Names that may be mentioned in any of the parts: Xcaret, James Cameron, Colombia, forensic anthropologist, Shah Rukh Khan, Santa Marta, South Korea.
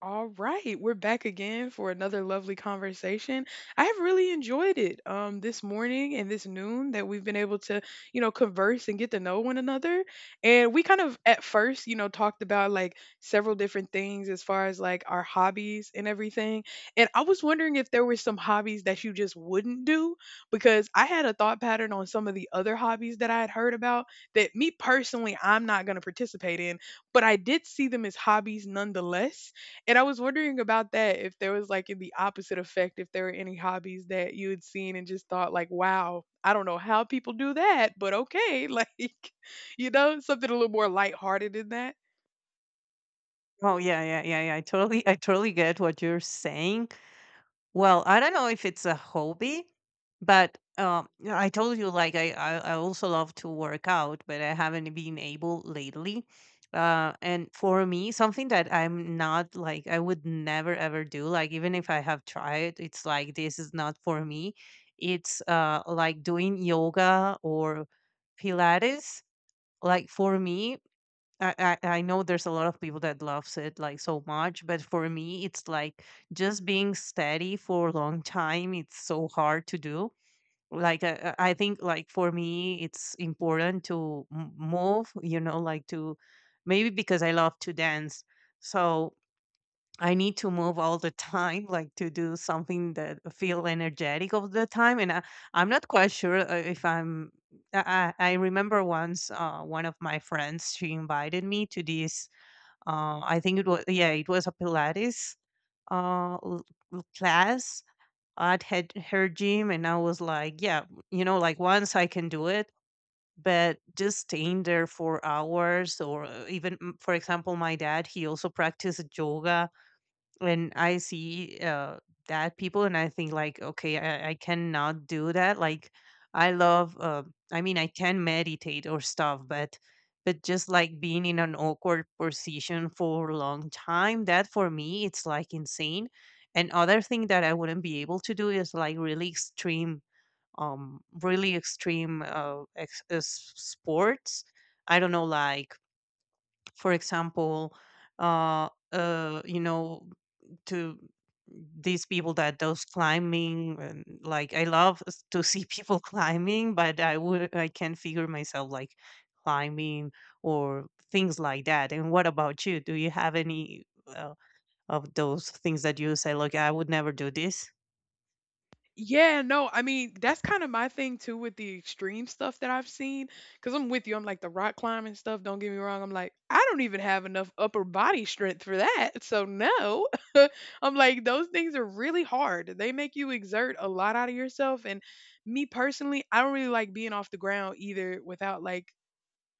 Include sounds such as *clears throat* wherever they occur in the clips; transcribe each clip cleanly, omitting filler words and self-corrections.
All right, we're back again for another lovely conversation. I have really enjoyed it this morning and this noon that we've been able to, you know, converse and get to know one another. And we kind of at first, you know, talked about like several different things as far as like our hobbies and everything. And I was wondering if there were some hobbies that you just wouldn't do because I had a thought pattern on some of the other hobbies that I had heard about that me personally I'm not going to participate in, but I did see them as hobbies nonetheless and I was wondering about that, if there was like in the opposite effect, if there were any hobbies that you had seen and just thought like, wow, I don't know how people do that, but okay. *laughs* Like, you know, something a little more lighthearted in that. Oh yeah, yeah, yeah, yeah. I totally get what you're saying. Well, I don't know if it's a hobby, but yeah, I told you like I also love to work out, but I haven't been able lately. And for me, something that I'm not like I would never ever do, like even if I have tried, it's like this is not for me. It's like doing yoga or Pilates. Like for me, I, I know there's a lot of people that loves it like so much, but for me, it's like just being steady for a long time. It's so hard to do. Like I think, like for me, it's important to move. You know, like to maybe because I love to dance. So I need to move all the time, *laughs* like to do something that feel energetic all the time. And I'm not quite sure if I'm. I remember once one of my friends she invited me to this. I think it was, yeah, it was a Pilates uh, l- class at her gym, and I was like, yeah, you know, like once I can do it. But just staying there for hours, or even, for example, my dad, he also practices yoga when I see that people and I think like, okay, I cannot do that. Like, I love. I mean, I can meditate or stuff, but just like being in an awkward position for a long time, that for me it's like insane. And other thing that I wouldn't be able to do is like really extreme, sports. I don't know, like for example, uh, uh, you know, to these people that does climbing, and like I love to see *laughs* people climbing, but I can figure myself like climbing or things like that. And what about you? Do you have any of those things that you say like I would never do this? Yeah, no, I mean, that's kind of my thing too with the extreme stuff that I've seen. Cause I'm with you. I'm like the rock climbing stuff. Don't get me wrong. I'm like, I don't even have enough upper body strength for that. So, no. *laughs* I'm like, those things are really hard. They make you exert a lot out of yourself. And me personally, I don't really like being off the ground either without like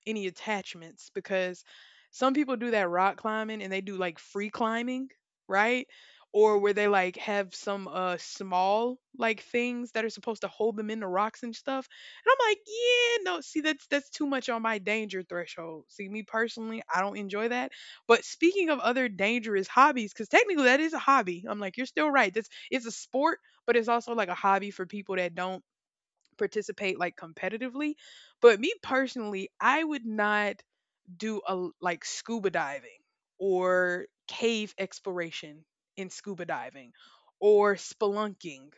any attachments because some people do that rock climbing and they do like free climbing, right? Or where they like have some small like things that are supposed to hold them in the rocks and stuff. And I'm like, yeah, no, see that's too much on my danger threshold. See, me personally, I don't enjoy that. But speaking of other dangerous hobbies, because technically that is a hobby. I'm like, you're still right. That's It's a sport, but it's also like a hobby for people that don't participate like competitively. But me personally, I would not do a like scuba diving or cave exploration in scuba diving or spelunking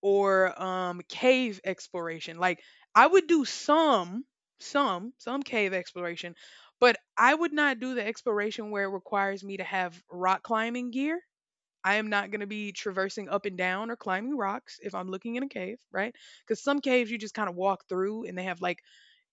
or cave exploration. Like I would do some some cave exploration, but I would not do the exploration where it requires me to have rock climbing gear. I am not going to be traversing up and down or climbing rocks if I'm looking in a cave, right? Because some caves you just kind of walk through and they have like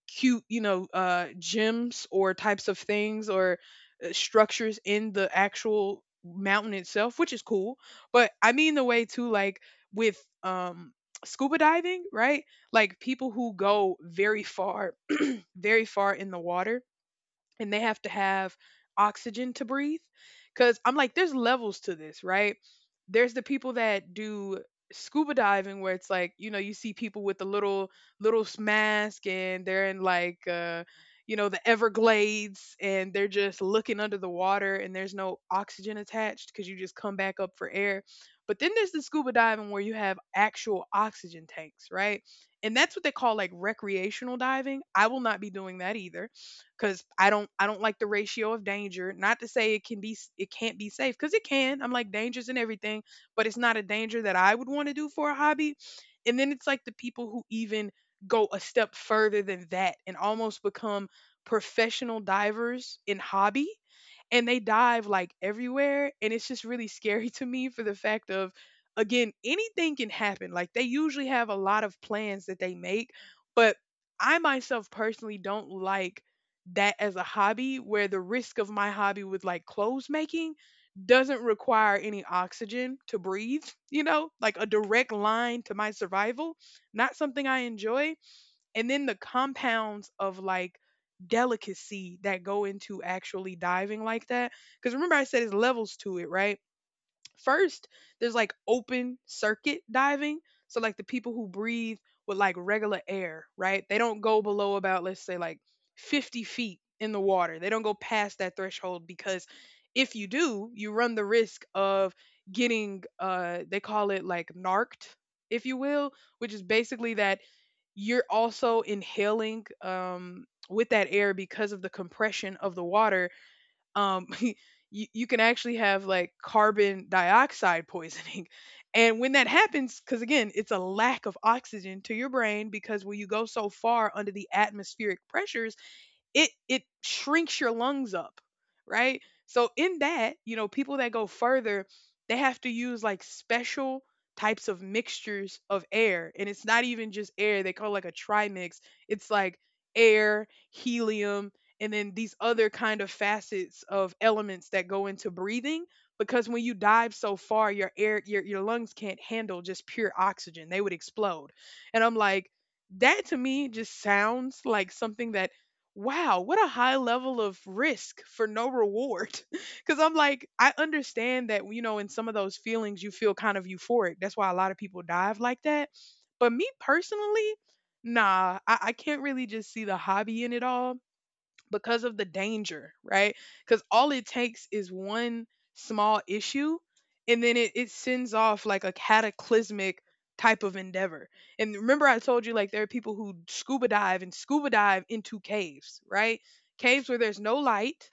cute, you know, gems or types of things or structures in the actual mountain itself, which is cool. But I mean the way too, like with scuba diving, right? Like people who go very far, *clears throat* very far in the water and they have to have oxygen to breathe because I'm like there's levels to this, right? There's the people that do scuba diving where it's like, you know, you see people with the little mask and they're in like you know the Everglades and they're just looking under the water and there's no oxygen attached because you just come back up for air. But then there's the scuba diving where you have actual oxygen tanks, right? And that's what they call like recreational diving. I will not be doing that either because I don't like the ratio of danger. Not to say it can be, it can't be safe because it can. I'm like, dangerous and everything, but it's not a danger that I would want to do for a hobby. And then it's like the people who even go a step further than that and almost become professional divers in hobby and they dive like everywhere and it's just really scary *laughs* to me for the fact of, again, anything can happen. Like they usually have a lot of plans that they make, but I myself personally don't like that as a hobby, where the risk of my hobby with like clothes making doesn't require any oxygen to breathe *laughs* you know, like a direct line to my survival, not something I enjoy. And then the compounds of like delicacy that go into actually diving like that, because remember I said it's levels to it, right? First, there's like open circuit diving. So like the people who breathe with like regular air, right? They don't go below about, let's say, like 50 feet in the water. They don't go past that threshold because if you do, you run the risk of getting they call it like narked, if you will, which is basically that you're also inhaling with that air because of the compression of the water. um, *laughs* you can actually have like carbon dioxide poisoning. *laughs* And when that happens, because again, it's a lack of oxygen to your brain, because when you go so far under the atmospheric pressures, it shrinks your lungs up, right? So in that, you know, people that go further, they have to use like special types of mixtures of air. And it's not even just air, they call it like a trimix. It's like air, helium, and then these other kind of facets of elements that go into breathing because when you dive so far your air your lungs can't handle just pure oxygen, they would explode. And I'm like, that to me just sounds like something that, wow, what a high level of risk for no reward. *laughs* Because I'm like, I understand that, you know, in some of those feelings, you feel kind of euphoric. That's why a lot of people dive like that. But me personally, nah, I can't really just see the hobby in it all because of the danger, right? Because all it takes is one small issue and then it sends off like a cataclysmic type of endeavor. And remember, I told you, like there are people who scuba dive and scuba dive into caves, right? Caves where there's no light,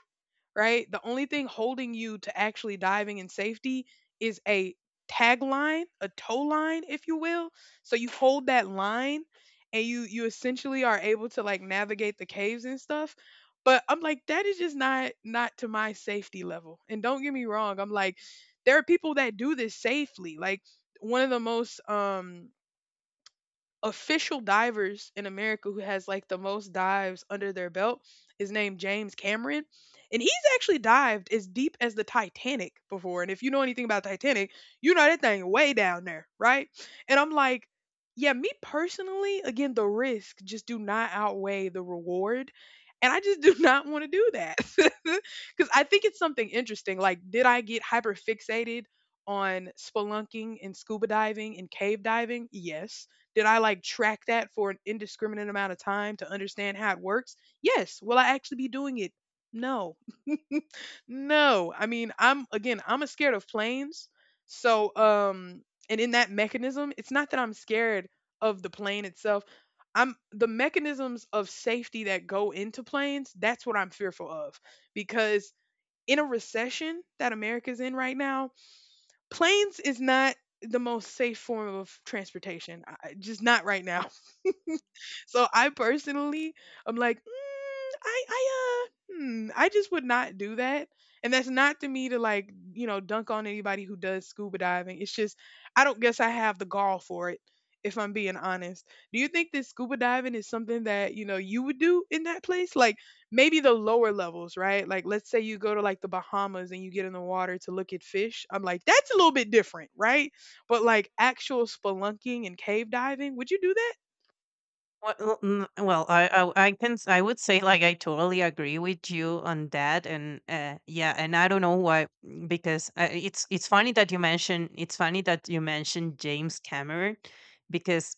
right? The only thing holding you to actually diving in safety is a tag line, a toe line, if you will. So you hold that line and you essentially are able to like navigate the caves and stuff. But I'm like, that is just not to my safety level. And don't get me wrong, I'm like, there are people that do this safely. Like one of the most official divers in America who has like the most dives under their belt is named James Cameron. And he's actually dived as deep as the Titanic before. And if you know anything about Titanic, you know that thing way down there, right? And I'm like, yeah, me personally, again, the risk just do not outweigh the reward. And I just do *laughs* not want to do that. *laughs* Because I think it's something interesting. Like, did I get hyper fixated on spelunking and scuba diving and cave diving? Yes. Did I like track that for an indiscriminate amount of time to understand how it works? Yes. Will I actually be doing it? No. No. I mean, I'm again, I'm a scared of planes. So, and in that mechanism, it's not that I'm scared of the plane itself. I'm the mechanisms of safety that go into planes, that's what I'm fearful of because in a recession that America's in right now, planes is not the most safe form of transportation. Just not right now. So I personally, I'm like, "Mm, I just would not do that." And that's not to me to like, you know, dunk on anybody who does scuba diving. It's just, I don't guess I have the gall for it, if I'm being honest. Do you think that scuba diving is something that, you know, you would do in that place? Like maybe the lower levels, right? Like let's say you go to like the Bahamas and you get in the water to look at fish. I'm like, that's a little bit different, right? But like actual spelunking and cave diving, would you do that? Well, I would say like I totally agree with you on that, and yeah, and I don't know why, because it's funny that you mentioned James Cameron because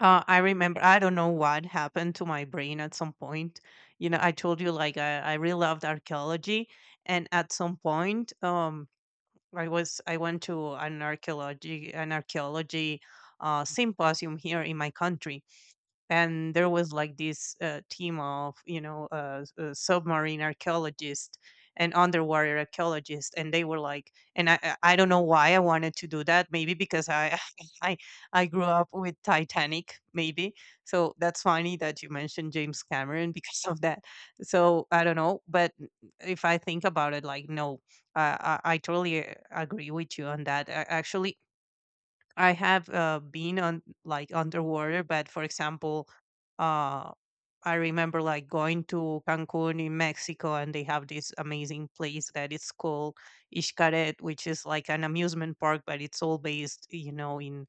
I remember, I don't know what happened to my brain at some point. You know, I told you like I really loved archaeology, and at some point, I went to an archaeology symposium here in my country, and there was like this team of, submarine archaeologists and underwater archaeologists, and they were like, and I don't know why I wanted to do that, maybe because I *laughs* i I grew up with Titanic maybe. So that's funny that you mentioned James Cameron *laughs* because of that. So I don't know, but if I think about it, like no, I totally agree with you on that. Actually, I have been on like underwater, but for example, uh, I remember like going to Cancun in Mexico, and they have this amazing place that is called Xcaret, which is like an amusement park, but it's all based, you know, in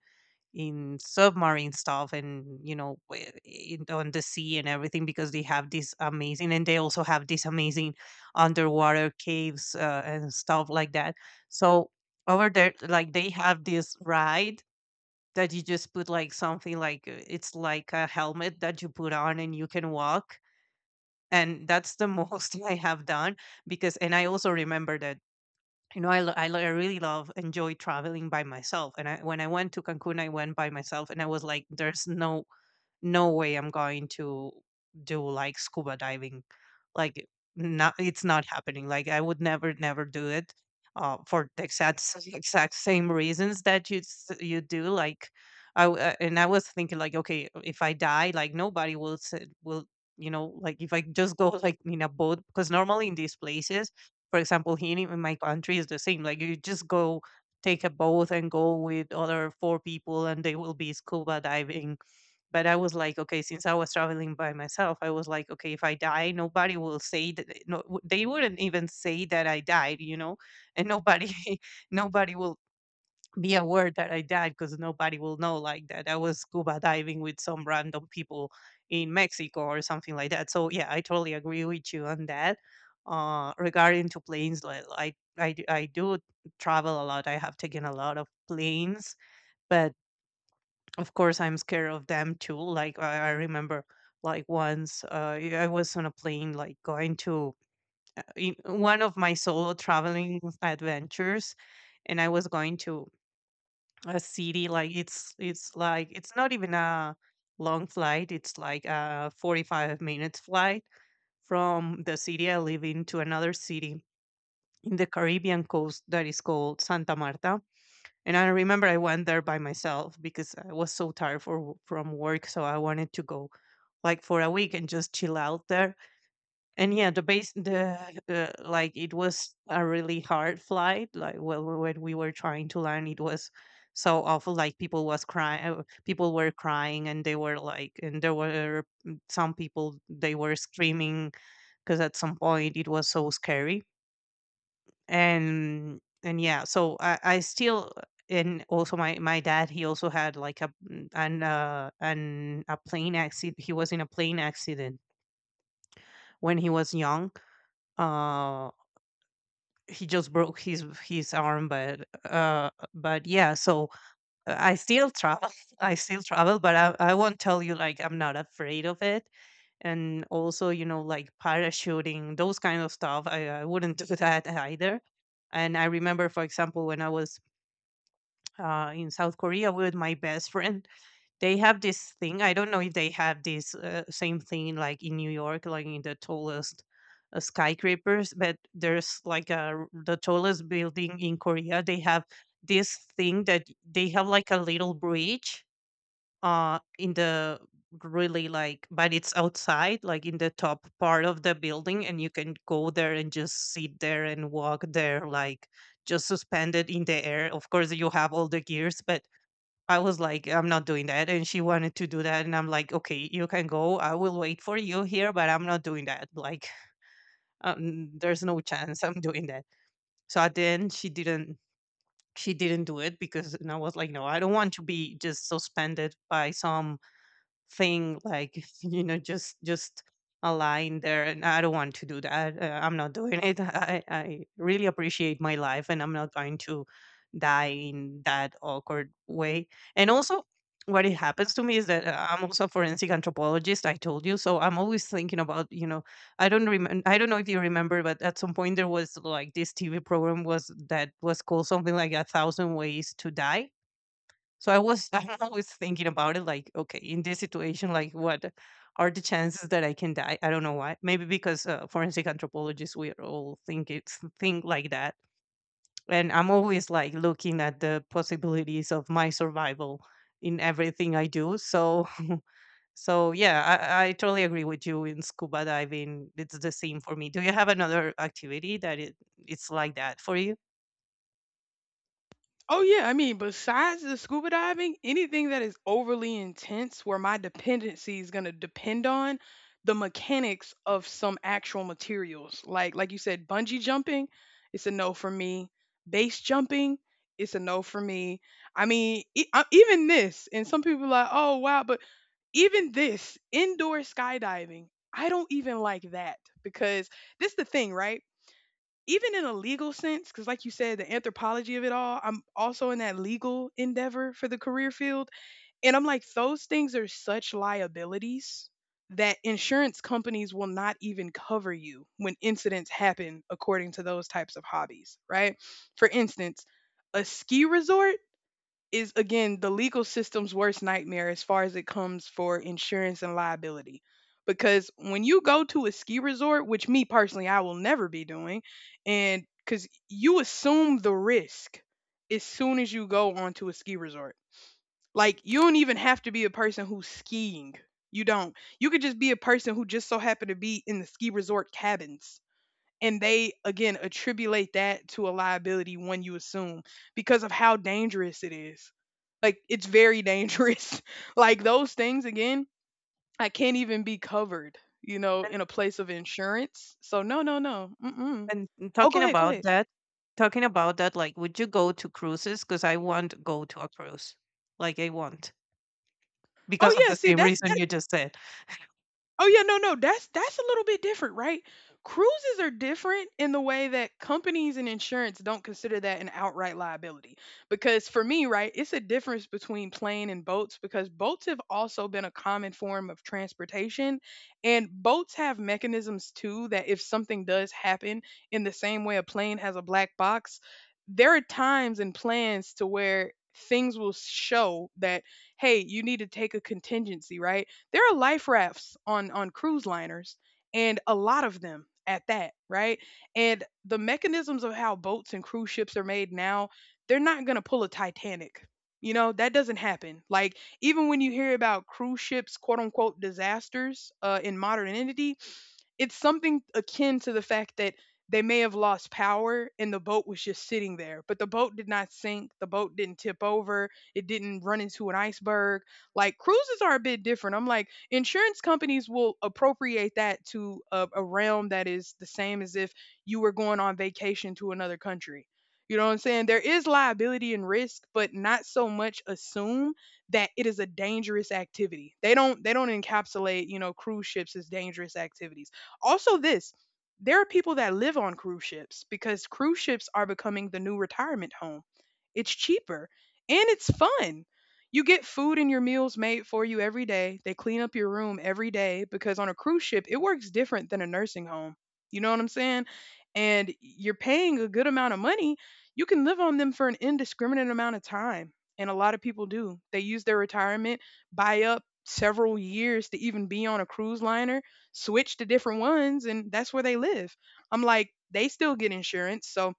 in submarine stuff, and you know, on the sea and everything, because they have this amazing, and they also have this amazing underwater caves and stuff like that. So over there, like they have this ride that you just put like something like, it's like a helmet that you put on and you can walk. And that's the most *laughs* I have done because, and I also remember that, you know, I really love, enjoy traveling by myself. And I, when I went to Cancun, I went by myself and I was like, there's no way I'm going to do like scuba diving, like not, it's not happening, like I would never never do it, for the exact same reasons that you do. Like and I was thinking like, okay, if I die, like nobody will will, like if I just go *laughs* like in a boat, because normally in these places, for example, here in my country is the same, like you just go take a boat and go with other four people and they will be scuba diving. But I was like, okay, since I was traveling by myself, I was like, okay, if I die, nobody will say that. No, they wouldn't even say that I died, you know, and nobody, *laughs* nobody will be aware that I died, because nobody will know like that I was scuba diving with some random people in Mexico or something like that. So yeah, I totally agree with you on that. Regarding to planes, like I do travel a lot. I have taken a lot of planes, but of course, I'm scared of them too. Like I remember, like once I was on a plane, like going to in one of my solo traveling adventures, and I was going to a city. Like it's like it's not even a long flight. It's like a 45 minutes flight from the city I live in to another city in the Caribbean coast that is called Santa Marta, and I remember I went there by myself because I was so tired from work, so I wanted to go like for a week and just chill out there. And yeah, the base, the like it was a really hard flight. Like when we were trying to land, it was so awful. Like people was crying, people were crying, and they were like, and there were, some people, they were screaming, because at some point it was so scary. And yeah, so I still, and also my dad, he also had like a mm, an a plane accident. He was in a plane accident when he was young. uh he just broke his arm, but yeah. So I still travel *laughs* I still travel, but I won't tell you like I'm not afraid of it. And also, you know, like parachuting, those kind of stuff, I wouldn't *laughs* do that either. And I remember, for example, when I was in South Korea with my best friend. *laughs* They have this thing. I don't know if they have this same thing like in New York, like in the tallest skyscrapers, but there's like the tallest building in Korea. They have this thing that they have like a little bridge in the really like, but it's outside, like in the top part of the building, and you can go there and just sit there and walk there, like just suspended in the air. Of course, you have all the gears, but I was like, I'm not doing that. And she wanted to do that. And I'm like, okay, you can go. I will wait for you here, but I'm not doing that. Like, there's no chance I'm doing that. So at the end, she didn't do it, because, and I was like, no, I don't want to be just suspended by some thing like *laughs* you know, just a line there, and I don't want to do that. I'm not doing it. *laughs* I really appreciate my life, and I'm not going to die in that awkward way. And also, what it happens to me is that I'm also a forensic anthropologist, I told you. So I'm always thinking about, you know, I don't remember, I don't know if you remember, but at some point there was like this TV program was that was called something like 1,000 ways to die. So I was *laughs* I'm always thinking about it like, okay, in this situation, like what are the chances that I can die? I don't know why. Maybe because forensic anthropologists, we all think like that. And I'm always like looking at the possibilities of my survival in everything I do. So *laughs* so yeah, I totally agree with you in scuba diving. It's the same for me. Do you have another activity that it's like that for you? Oh yeah, I mean, besides the scuba diving, anything that is overly intense where my dependency is going to depend on the mechanics of some actual materials. Like you said bungee jumping, it's a no for me. Base jumping, it's a no for me. I mean, even this, and some people are like, "Oh wow, but even this indoor skydiving, I don't even like that because this is the thing, right? Even in a legal sense, because like you said, the anthropology of it all, I'm also in that legal endeavor for the career field. And I'm like, those things are such liabilities that insurance companies will not even cover you when incidents happen according to those types of hobbies, right? For instance, a ski resort is again the legal system's worst nightmare as far as it comes for insurance and liability. Because when you go to a ski resort, which me personally I will never be doing, and because you assume the risk as soon as you go onto a ski resort. Like you don't even have to be a person who's skiing. You don't. You could just be a person who just so happened to be in the ski resort cabins, and they again attribute that to a liability when you assume, because of how dangerous it is, like it's very dangerous *laughs* like those things again, I can't even be covered, in a place of insurance. So no, no, no, mm-mm. And Oh, talking go ahead, go about ahead. that, like, would you go to cruises? Because I want to go to a cruise. Like, I want, Oh because of yeah, the see same that's... reason you just said. Oh yeah, no, no, that's a little bit different, right? Cruises are different in the way that companies and insurance don't consider that an outright liability. Because for me, right, it's a difference between plane and boats, because boats have also been a common form of transportation, and boats have mechanisms too that if something does happen, in the same way a plane has a black box, there are times and plans to where things will show that, hey, you need to take a contingency, right? There are life rafts on cruise liners, and a lot of them at that, right? And the mechanisms of how boats and cruise ships are made now, they're not going to pull a Titanic. You know, that doesn't happen. Like even when you hear about cruise ships quote unquote disasters in modernity, it's something akin to the fact that they may have lost power and the boat was just sitting there, but the boat did not sink. The boat didn't tip over. It didn't run into an iceberg. Like cruises are a bit different. I'm like, insurance companies will appropriate that to a realm that is the same as if you were going on vacation to another country. You know what I'm saying? There is liability and risk, but not so much assume that it is a dangerous activity. They don't encapsulate, you know, cruise ships as dangerous activities. Also, this, there are people that live on cruise ships because cruise ships are becoming the new retirement home. It's cheaper and it's fun. You get food and your meals made for you every day. They clean up your room every day, because on a cruise ship, it works different than a nursing home. You know what I'm saying? And you're paying a good amount of money. You can live on them for an indiscriminate amount of time. And a lot of people do. They use their retirement, buy up several years to even be on a cruise liner, switch to different ones, and that's where they live. I'm like, they still get insurance. So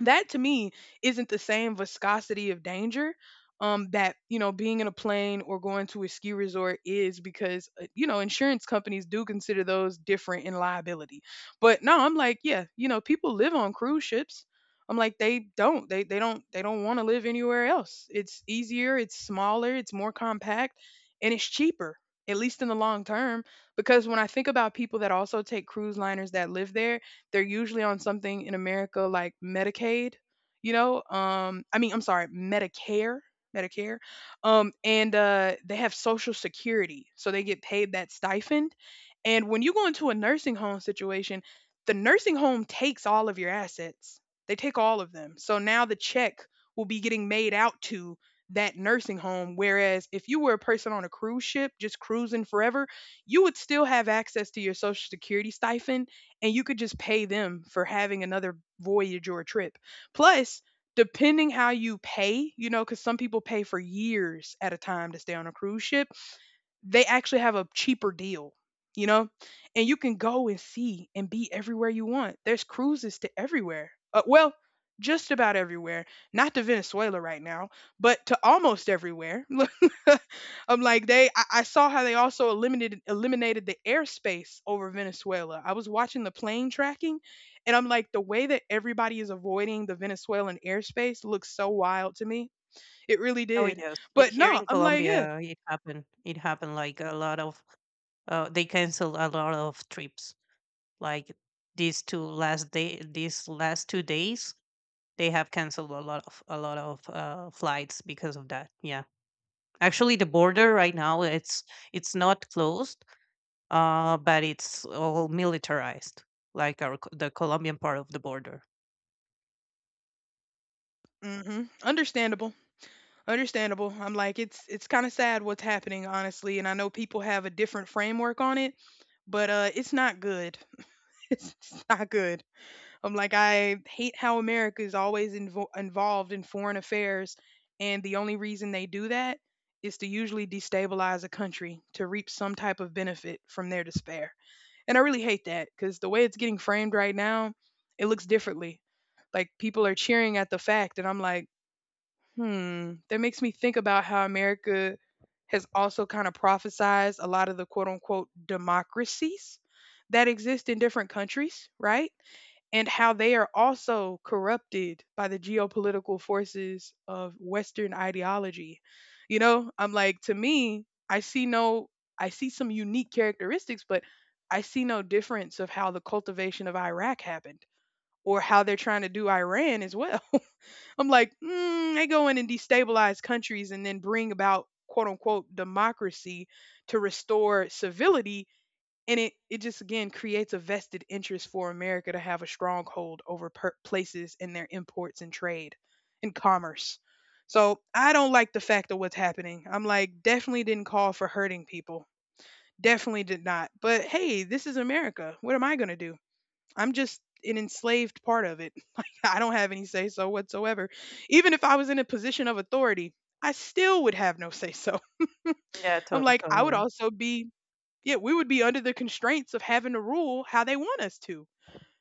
that to me isn't the same viscosity of danger, that, you know, being in a plane or going to a ski resort is, because you know, insurance companies do consider those different in liability. But no, I'm like, yeah, you know, people live on cruise ships. I'm like, they don't, they don't want to live anywhere else. It's easier, it's smaller, it's more compact, and it's cheaper, at least in the long term. Because when I think about people that also take cruise liners that live there, they're usually on something in America like Medicaid, you know. I mean, I'm sorry, Medicare, Medicare, and they have Social Security, so they get paid that stipend. And when you go into a nursing home situation, the nursing home takes all of your assets. They take all of them. So now the check will be getting made out to that nursing home. Whereas if you were a person on a cruise ship just cruising forever, you would still have access to your social security stipend, and you could just pay them for having another voyage or trip. Plus, depending how you pay, you know, because some people pay for years at a time to stay on a cruise ship, they actually have a cheaper deal, you know? And you can go and see and be everywhere you want. There's cruises to everywhere. Well, just about everywhere. Not to Venezuela right now, but to almost everywhere. *laughs* I'm like they I saw how they also eliminated eliminated the airspace over Venezuela. I was watching the plane tracking, and I'm like the way that everybody is avoiding the Venezuelan airspace looks so wild to me. It really Oh did. yes, But here no, in I'm like, yeah. Colombia, it happened. It happened. They canceled a lot of trips. Like these last 2 days, they have canceled a lot of flights because of that. Yeah, actually, the border right now it's not closed, but it's all militarized, like the Colombian part of the border. Hmm. Understandable. Understandable. I'm like, it's kind of sad what's happening, honestly, and I know people have a different framework on it, but it's not good. *laughs* It's not good. I'm like, I hate how America is always involved in foreign affairs, and the only reason they do that is to usually destabilize a country to reap some type of benefit from their despair. And I really hate that because the way it's getting framed right now, it looks differently. Like people are cheering at the fact, and I'm like, hmm, that makes me think about how America has also kind of prophesized a lot of the quote unquote democracies that exist in different countries, right? And how they are also corrupted by the geopolitical forces of Western ideology. You know, I'm like, to me, I see no, I see some unique characteristics, but I see no difference of how the cultivation of Iraq happened, or how they're trying to do Iran as well. I'm like, mm, they go in and destabilize countries and then bring about quote unquote democracy to restore civility. And it just again creates a vested interest for America to have a stronghold over places and their imports and trade and commerce. So I don't like the fact of what's happening. I'm like, definitely didn't call for hurting people. Definitely did not. But hey, this is America. What am I going to do? I'm just an enslaved part of it. *laughs* Like, I don't have any say so whatsoever. Even if I was in a position of authority, I still would have no say so. *laughs* Yeah, I'm like, I would totally. also be, yeah, we would be under the constraints of having to rule how they want us to.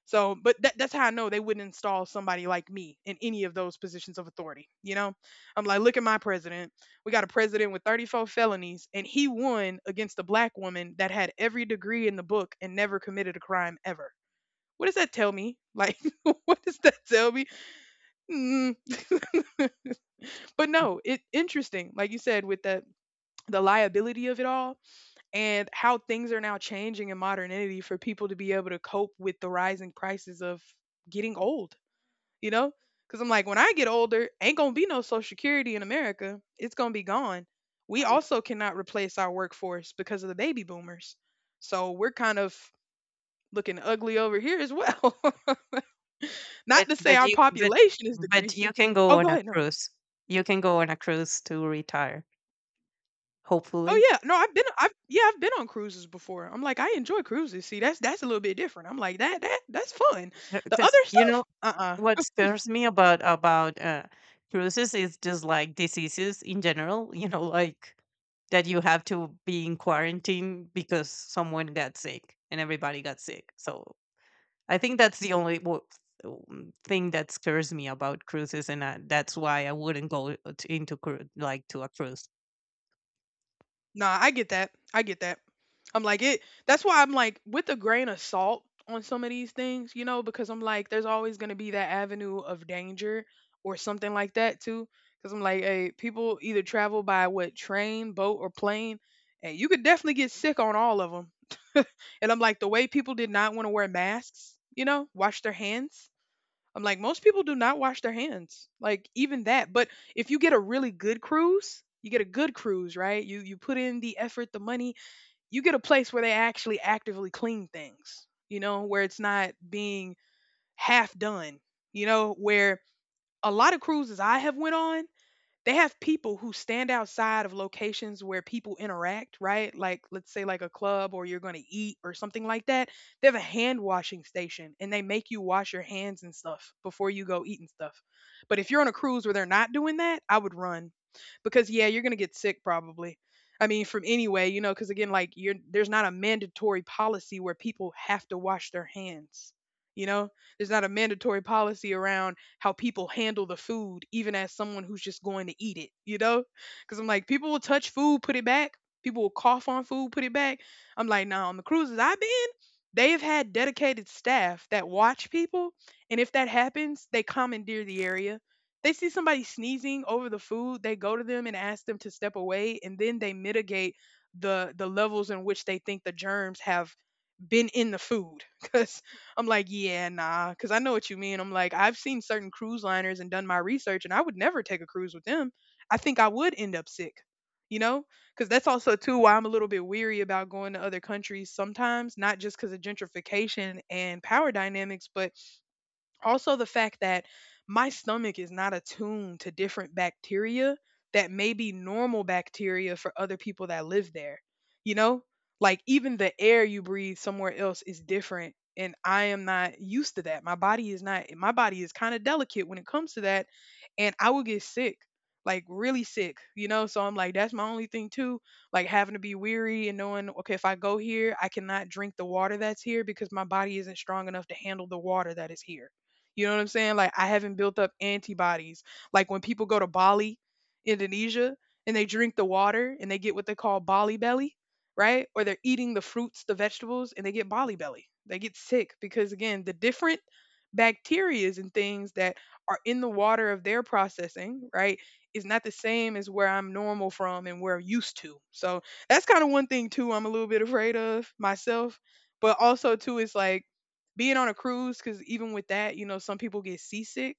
So, but that's how I know they wouldn't install somebody like me in any of those positions of authority. You know, I'm like, look at my president. We got a president with 34 felonies, and he won against a black woman that had every degree in the book and never committed a crime ever. What does that tell me? Like, *laughs* what does that tell me? Mm. But no, it interesting. Like you said, with the liability of it all, and how things are now changing in modernity for people to be able to cope with the rising prices of getting old. You know, because I'm like, when I get older, ain't gonna be no Social Security in America. It's gonna be gone. We Mm. also cannot replace our workforce because of the baby boomers. So we're kind of looking ugly over here as well. *laughs* Not But to say but our you but population is but decreasing. you can Oh, go on go a ahead. No, no. cruise. You can go on a cruise to retire, hopefully. Oh yeah, no. I've yeah, I've been on cruises before. I'm like, I enjoy cruises. See, that's a little bit different. I'm like that that's fun. The Because other you know stuff, what scares me about cruises is just like diseases in general. You know, like that you have to be in quarantine because someone got sick and everybody got sick. So I think that's the only thing that scares me about cruises, and that's why I wouldn't go to a cruise. Nah, I get that. I get that. I'm like it. That's why I'm like with a grain of salt on some of these things, you know, because I'm like, there's always gonna be that avenue of danger or something like that too. Because I'm like, hey, people either travel by what train, boat, or plane, and you could definitely get sick on all of them. *laughs* And I'm like, the way people did not want to wear masks, you know, wash their hands. I'm like, most people do not wash their hands. Like even that. But if you get a really good cruise, you get a good cruise, right? You put in the effort, the money, you get a place where they actually actively clean things, you know, where it's not being half done, you know, where a lot of cruises I have went on, they have people who stand outside of locations where people interact, right? Like let's say like a club, or you're going to eat or something like that. They have a hand washing station and they make you wash your hands and stuff before you go eat and stuff. But if you're on a cruise where they're not doing that, I would run, because yeah, you're going to get sick probably. I mean, from anyway, you know, because again, like you're there's not a mandatory policy where people have to wash their hands. You know, there's not a mandatory policy around how people handle the food, even as someone who's just going to eat it, you know? Because I'm like, people will touch food, put it back. People will cough on food, put it back. I'm like, nah, on the cruises I've been, they have had dedicated staff that watch people. And if that happens, they commandeer the area. They see somebody sneezing over the food, they go to them and ask them to step away, and then they mitigate the levels in which they think the germs have been in the food *laughs* because I'm like, yeah, nah, because I know what you mean. I'm like, I've seen certain cruise liners and done my research, and I would never take a cruise with them. I think I would end up sick, you know, because that's also too why I'm a little bit weary about going to other countries sometimes, not just because of gentrification and power dynamics, but also, the fact that my stomach is not attuned to different bacteria that may be normal bacteria for other people that live there. You know, like even the air you breathe somewhere else is different. And I am not used to that. My body is not, my body is kind of delicate when it comes to that. And I would get sick, like really sick, you know? So I'm like, that's my only thing too. Like having to be weary and knowing, okay, if I go here, I cannot drink the water that's here because my body isn't strong enough to handle the water that is here, you know what I'm saying? Like I haven't built up antibodies. Like when people go to Bali, Indonesia, and they drink the water and they get what they call Bali belly, right? Or they're eating the fruits, the vegetables, and they get Bali belly. They get sick because again, the different bacterias and things that are in the water of their processing, right, is not the same as where I'm normal from and where I'm used to. So that's kind of one thing too I'm a little bit afraid of myself. But also too, it's like being on a cruise, because even with that, you know, some people get seasick,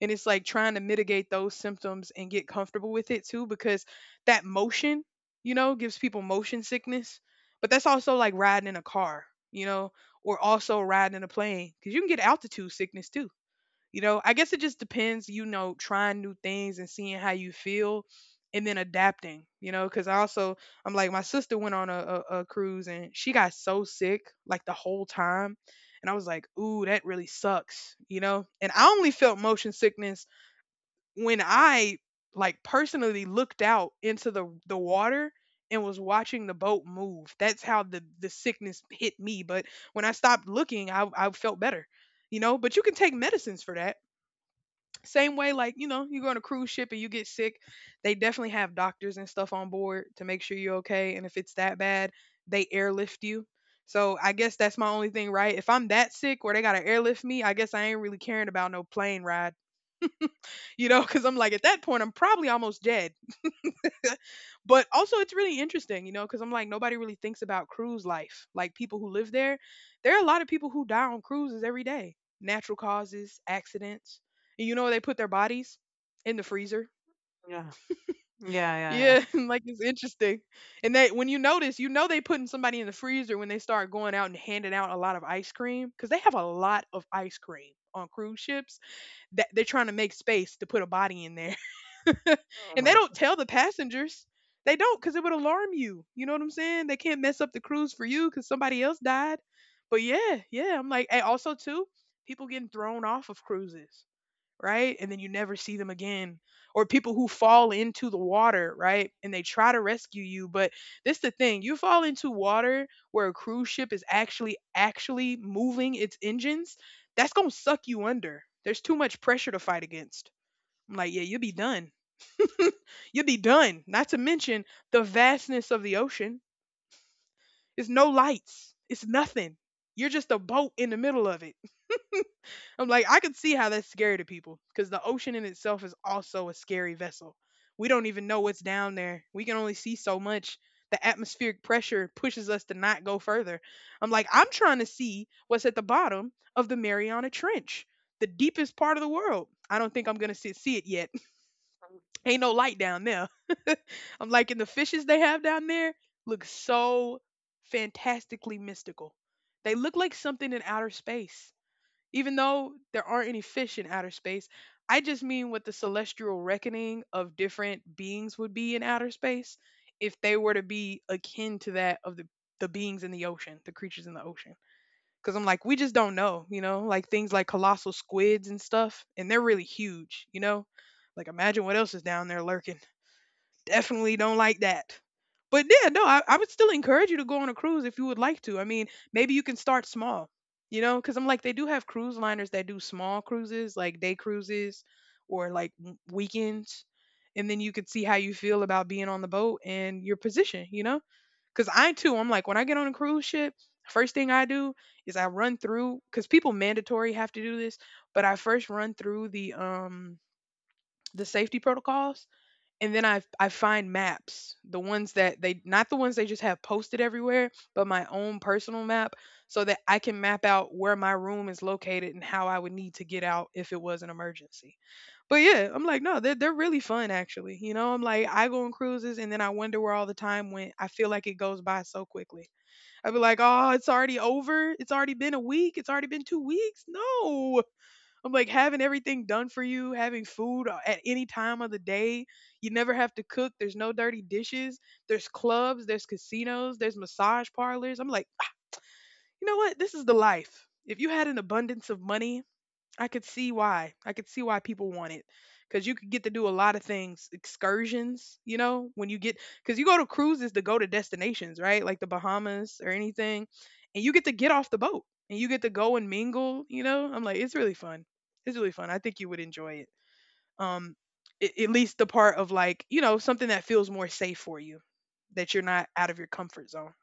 and it's like trying to mitigate those symptoms and get comfortable with it too, because that motion, you know, gives people motion sickness. But that's also like riding in a car, you know, or also riding in a plane, because you can get altitude sickness too. You know, I guess it just depends, you know, trying new things and seeing how you feel and then adapting, you know, because I also, I'm like, my sister went on a, a cruise and she got so sick like the whole time. And I was like, ooh, that really sucks, you know? And I only felt motion sickness when I like personally looked out into the water and was watching the boat move. That's how the sickness hit me. But when I stopped looking, I felt better, you know? But you can take medicines for that. Same way, like, you know, you go on a cruise ship and you get sick, they definitely have doctors and stuff on board to make sure you're okay. And if it's that bad, they airlift you. So I guess that's my only thing, right? If I'm that sick where they gotta airlift me, I guess I ain't really caring about no plane ride, you know, *laughs* because I'm like, at that point, I'm probably almost dead. *laughs* But also, it's really interesting, you know, because I'm like, nobody really thinks about cruise life. Like people who live there, there are a lot of people who die on cruises every day. Natural causes, accidents. And you know where they put their bodies? In the freezer. Yeah, yeah, yeah, yeah. Yeah. *laughs* Like, it's interesting. And they, when you notice, you know, they putting somebody in the freezer when they start going out and handing out a lot of ice cream, because they have a lot of ice cream on cruise ships, that they're trying to make space to put a body in there. *laughs* Oh And they my. don't tell the passengers. They don't, because it would alarm you. You know what I'm saying? They can't mess up the cruise for you because somebody else died. But yeah, yeah. I'm like, and also too, people getting thrown off of cruises, right? And then you never see them again. Or people who fall into the water, right? And they try to rescue you. But this the thing, you fall into water where a cruise ship is actually moving its engines, that's gonna suck you under. There's too much pressure to fight against. I'm like, yeah, you'll be done. *laughs* You'll be done. Not to mention the vastness of the ocean. It's no lights. It's nothing. You're just a boat in the middle of it. I'm like, I can see how that's scary to people because the ocean in itself is also a scary vessel. We don't even know what's down there. We can only see so much. The atmospheric pressure pushes us to not go further. I'm like, I'm trying to see what's at the bottom of the Mariana Trench, the deepest part of the world. I don't think I'm going to see it yet. Ain't no light down there. *laughs* I'm liking the fishes they have down there look so fantastically mystical. They look like something in outer space. Even though there aren't any fish in outer space, I just mean what the celestial reckoning of different beings would be in outer space if they were to be akin to that of the beings in the ocean, the creatures in the ocean. Because I'm like, we just don't know, you know, like things like colossal squids and stuff, and they're really huge, you know? Like, imagine what else is down there lurking. Definitely don't like that. But yeah, no, I would still encourage you to go on a cruise if you would like to. I mean, maybe you can start small, you know, because I'm like, they do have cruise liners that do small cruises, like day cruises or like weekends. And then you could see how you feel about being on the boat and your position, you know? Because I too, I'm like, when I get on a cruise ship, first thing I do is I run through, because people mandatory have to do this, but I first run through the safety protocols, and then I find maps, the ones that they, not the ones they just have posted everywhere, but my own personal map, so that I can map out where my room is located and how I would need to get out if it was an emergency. But yeah, I'm like, no, they're really fun actually. You know, I'm like, I go on cruises and then I wonder where all the time went. I feel like it goes by so quickly. I'd be like, oh, it's already over. It's already been a week. It's already been 2 weeks. No. I'm like, having everything done for you, having food at any time of the day. You never have to cook. There's no dirty dishes. There's clubs, there's casinos, there's massage parlors. I'm like, you know what? This is the life. If you had an abundance of money, I could see why. I could see why people want it, because you could get to do a lot of things, excursions, you know, when you get, because you go to cruises to go to destinations, right? Like the Bahamas or anything, and you get to get off the boat and you get to go and mingle, you know. I'm like, it's really fun. It's really fun. I think you would enjoy it. Um, at least the part of like, you know, something that feels more safe for you, that you're not out of your comfort zone.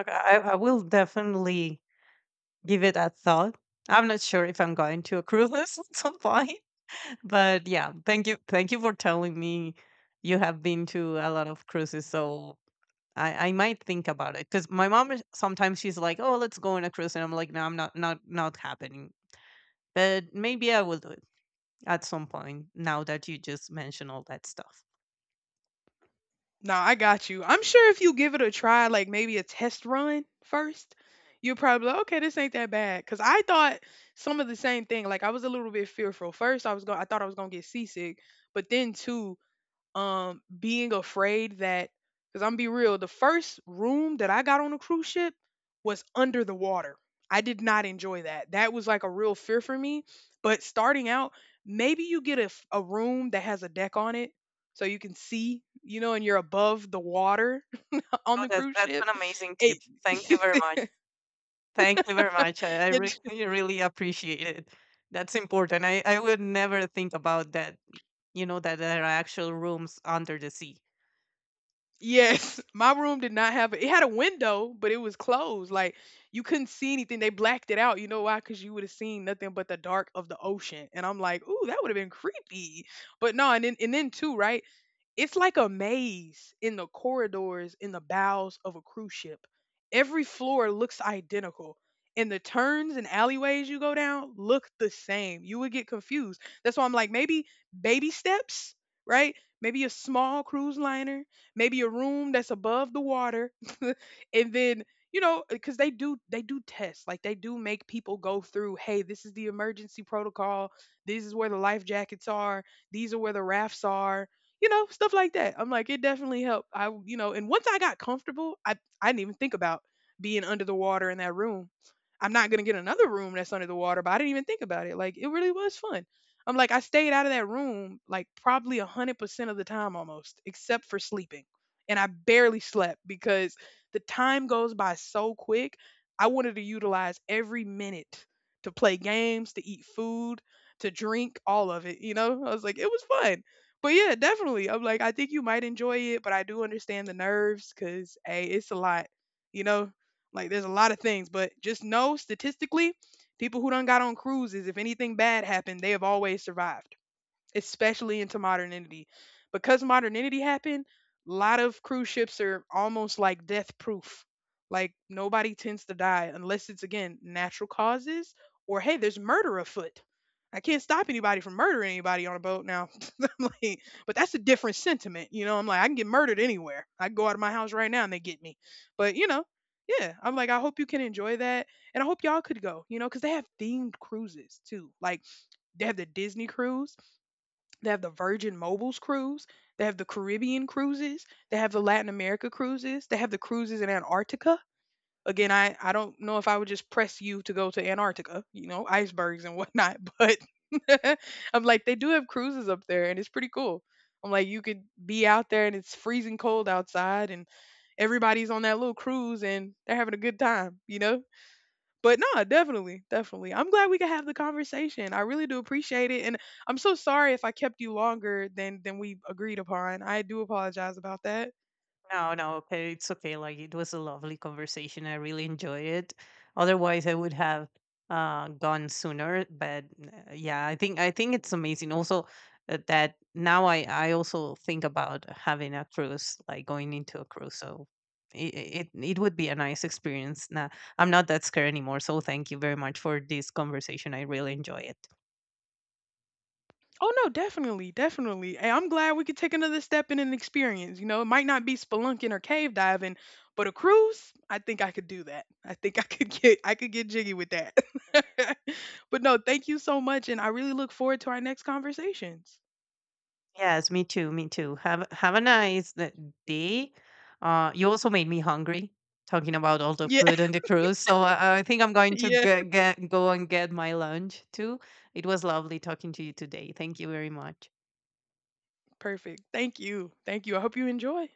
Okay, I will definitely give it a thought. I'm not sure if I'm going to a cruise *laughs* at some point. But yeah, thank you for telling me you have been to a lot of cruises. So I might think about it, because my mom sometimes she's like, "Oh, let's go on a cruise," and I'm like, "No, I'm not, not, not happening." But maybe I will do it at some point, now that you just mentioned all that stuff. No, I got you. I'm sure if you give it a try, like maybe a test run first, you'll probably be like, okay, this ain't that bad. Cause I thought some of the same thing. Like I was a little bit fearful. First, I was going, I thought I was gonna get seasick, but then too, being afraid that, because I'm be real, the first room that I got on a cruise ship was under the water. I did not enjoy that. That was like a real fear for me. But starting out, maybe you get a, a room that has a deck on it so you can see, you know, and you're above the water *laughs* on Oh, the that's cruise that's ship. an amazing tip. It, Thank you very *laughs* much. Thank you very much. I, *laughs* I yeah. really really really appreciate it. That's important. I would never think about that. You know that there are actual rooms under the sea. Yes, *laughs* my room did not have a, it had a window, but it was closed. Like you couldn't see anything. They blacked it out. You know why? Because you would have seen nothing but the dark of the ocean. And I'm like, ooh, that would have been creepy. But no, and then too, right? It's like a maze in the corridors in the bows of a cruise ship. Every floor looks identical. And the turns and alleyways you go down look the same. You would get confused. That's why I'm like, maybe baby steps, right? Maybe a small cruise liner, maybe a room that's above the water, *laughs* and then because they do tests. Like they do make people go through, hey, this is the emergency protocol, this is where the life jackets are, these are where the rafts are, stuff like that. I'm like, it definitely helped. I, and once I got comfortable, I didn't even think about being under the water in that room. I'm not going to get another room that's under the water, but I didn't even think about it. Like, it really was fun. I'm like, I stayed out of that room like probably 100% of the time almost, except for sleeping. And I barely slept because the time goes by so quick. I wanted to utilize every minute to play games, to eat food, to drink, all of it, you know? I was like, it was fun. But yeah, definitely. I'm like, I think you might enjoy it, but I do understand the nerves because, hey, it's a lot, you know? Like, there's a lot of things, but just know statistically, people who done got on cruises, if anything bad happened, they have always survived, especially into modernity. Because modernity happened, a lot of cruise ships are almost like death proof. Like, nobody tends to die unless it's again natural causes, or hey, there's murder afoot. I can't stop anybody from murdering anybody on a boat now. *laughs* I'm like, but that's a different sentiment, you know. I'm like, I can get murdered anywhere. I can go out of my house right now and they get me. But you know, yeah, I'm like, I hope you can enjoy that, and I hope y'all could go, you know, because they have themed cruises too. Like, they have the Disney cruise, they have the Virgin Mobiles cruise. They have the Caribbean cruises. They have the Latin America cruises. They have the cruises in Antarctica. Again, I don't know if I would just press you to go to Antarctica, you know, icebergs and whatnot, but *laughs* I'm like, they do have cruises up there and it's pretty cool. I'm like, you could be out there and it's freezing cold outside and everybody's on that little cruise and they're having a good time, you know? But no, definitely, definitely. I'm glad we could have the conversation. I really do appreciate it, and I'm so sorry if I kept you longer than we agreed upon. I do apologize about that. No, no, okay, it's okay. Like it was a lovely conversation. I really enjoyed it. Otherwise, I would have gone sooner. But yeah, I think it's amazing. Also, that now I also think about having a cruise, like going into a cruise. So it would be a nice experience. Now I'm not that scared anymore. So thank you very much for this conversation. I really enjoy it. Oh no, definitely, definitely. Hey, I'm glad we could take another step in an experience. You know, it might not be spelunking or cave diving, but a cruise, I think I could do that. I think I could get jiggy with that. *laughs* But no, thank you so much and I really look forward to our next conversations. Yes, me too, me too. Have a nice day. You also made me hungry talking about all the Yeah. food *laughs* on the cruise. So I think I'm going to Yeah. Get go and get my lunch too. It was lovely talking to you today. Thank you very much. Perfect. Thank you. Thank you. I hope you enjoy.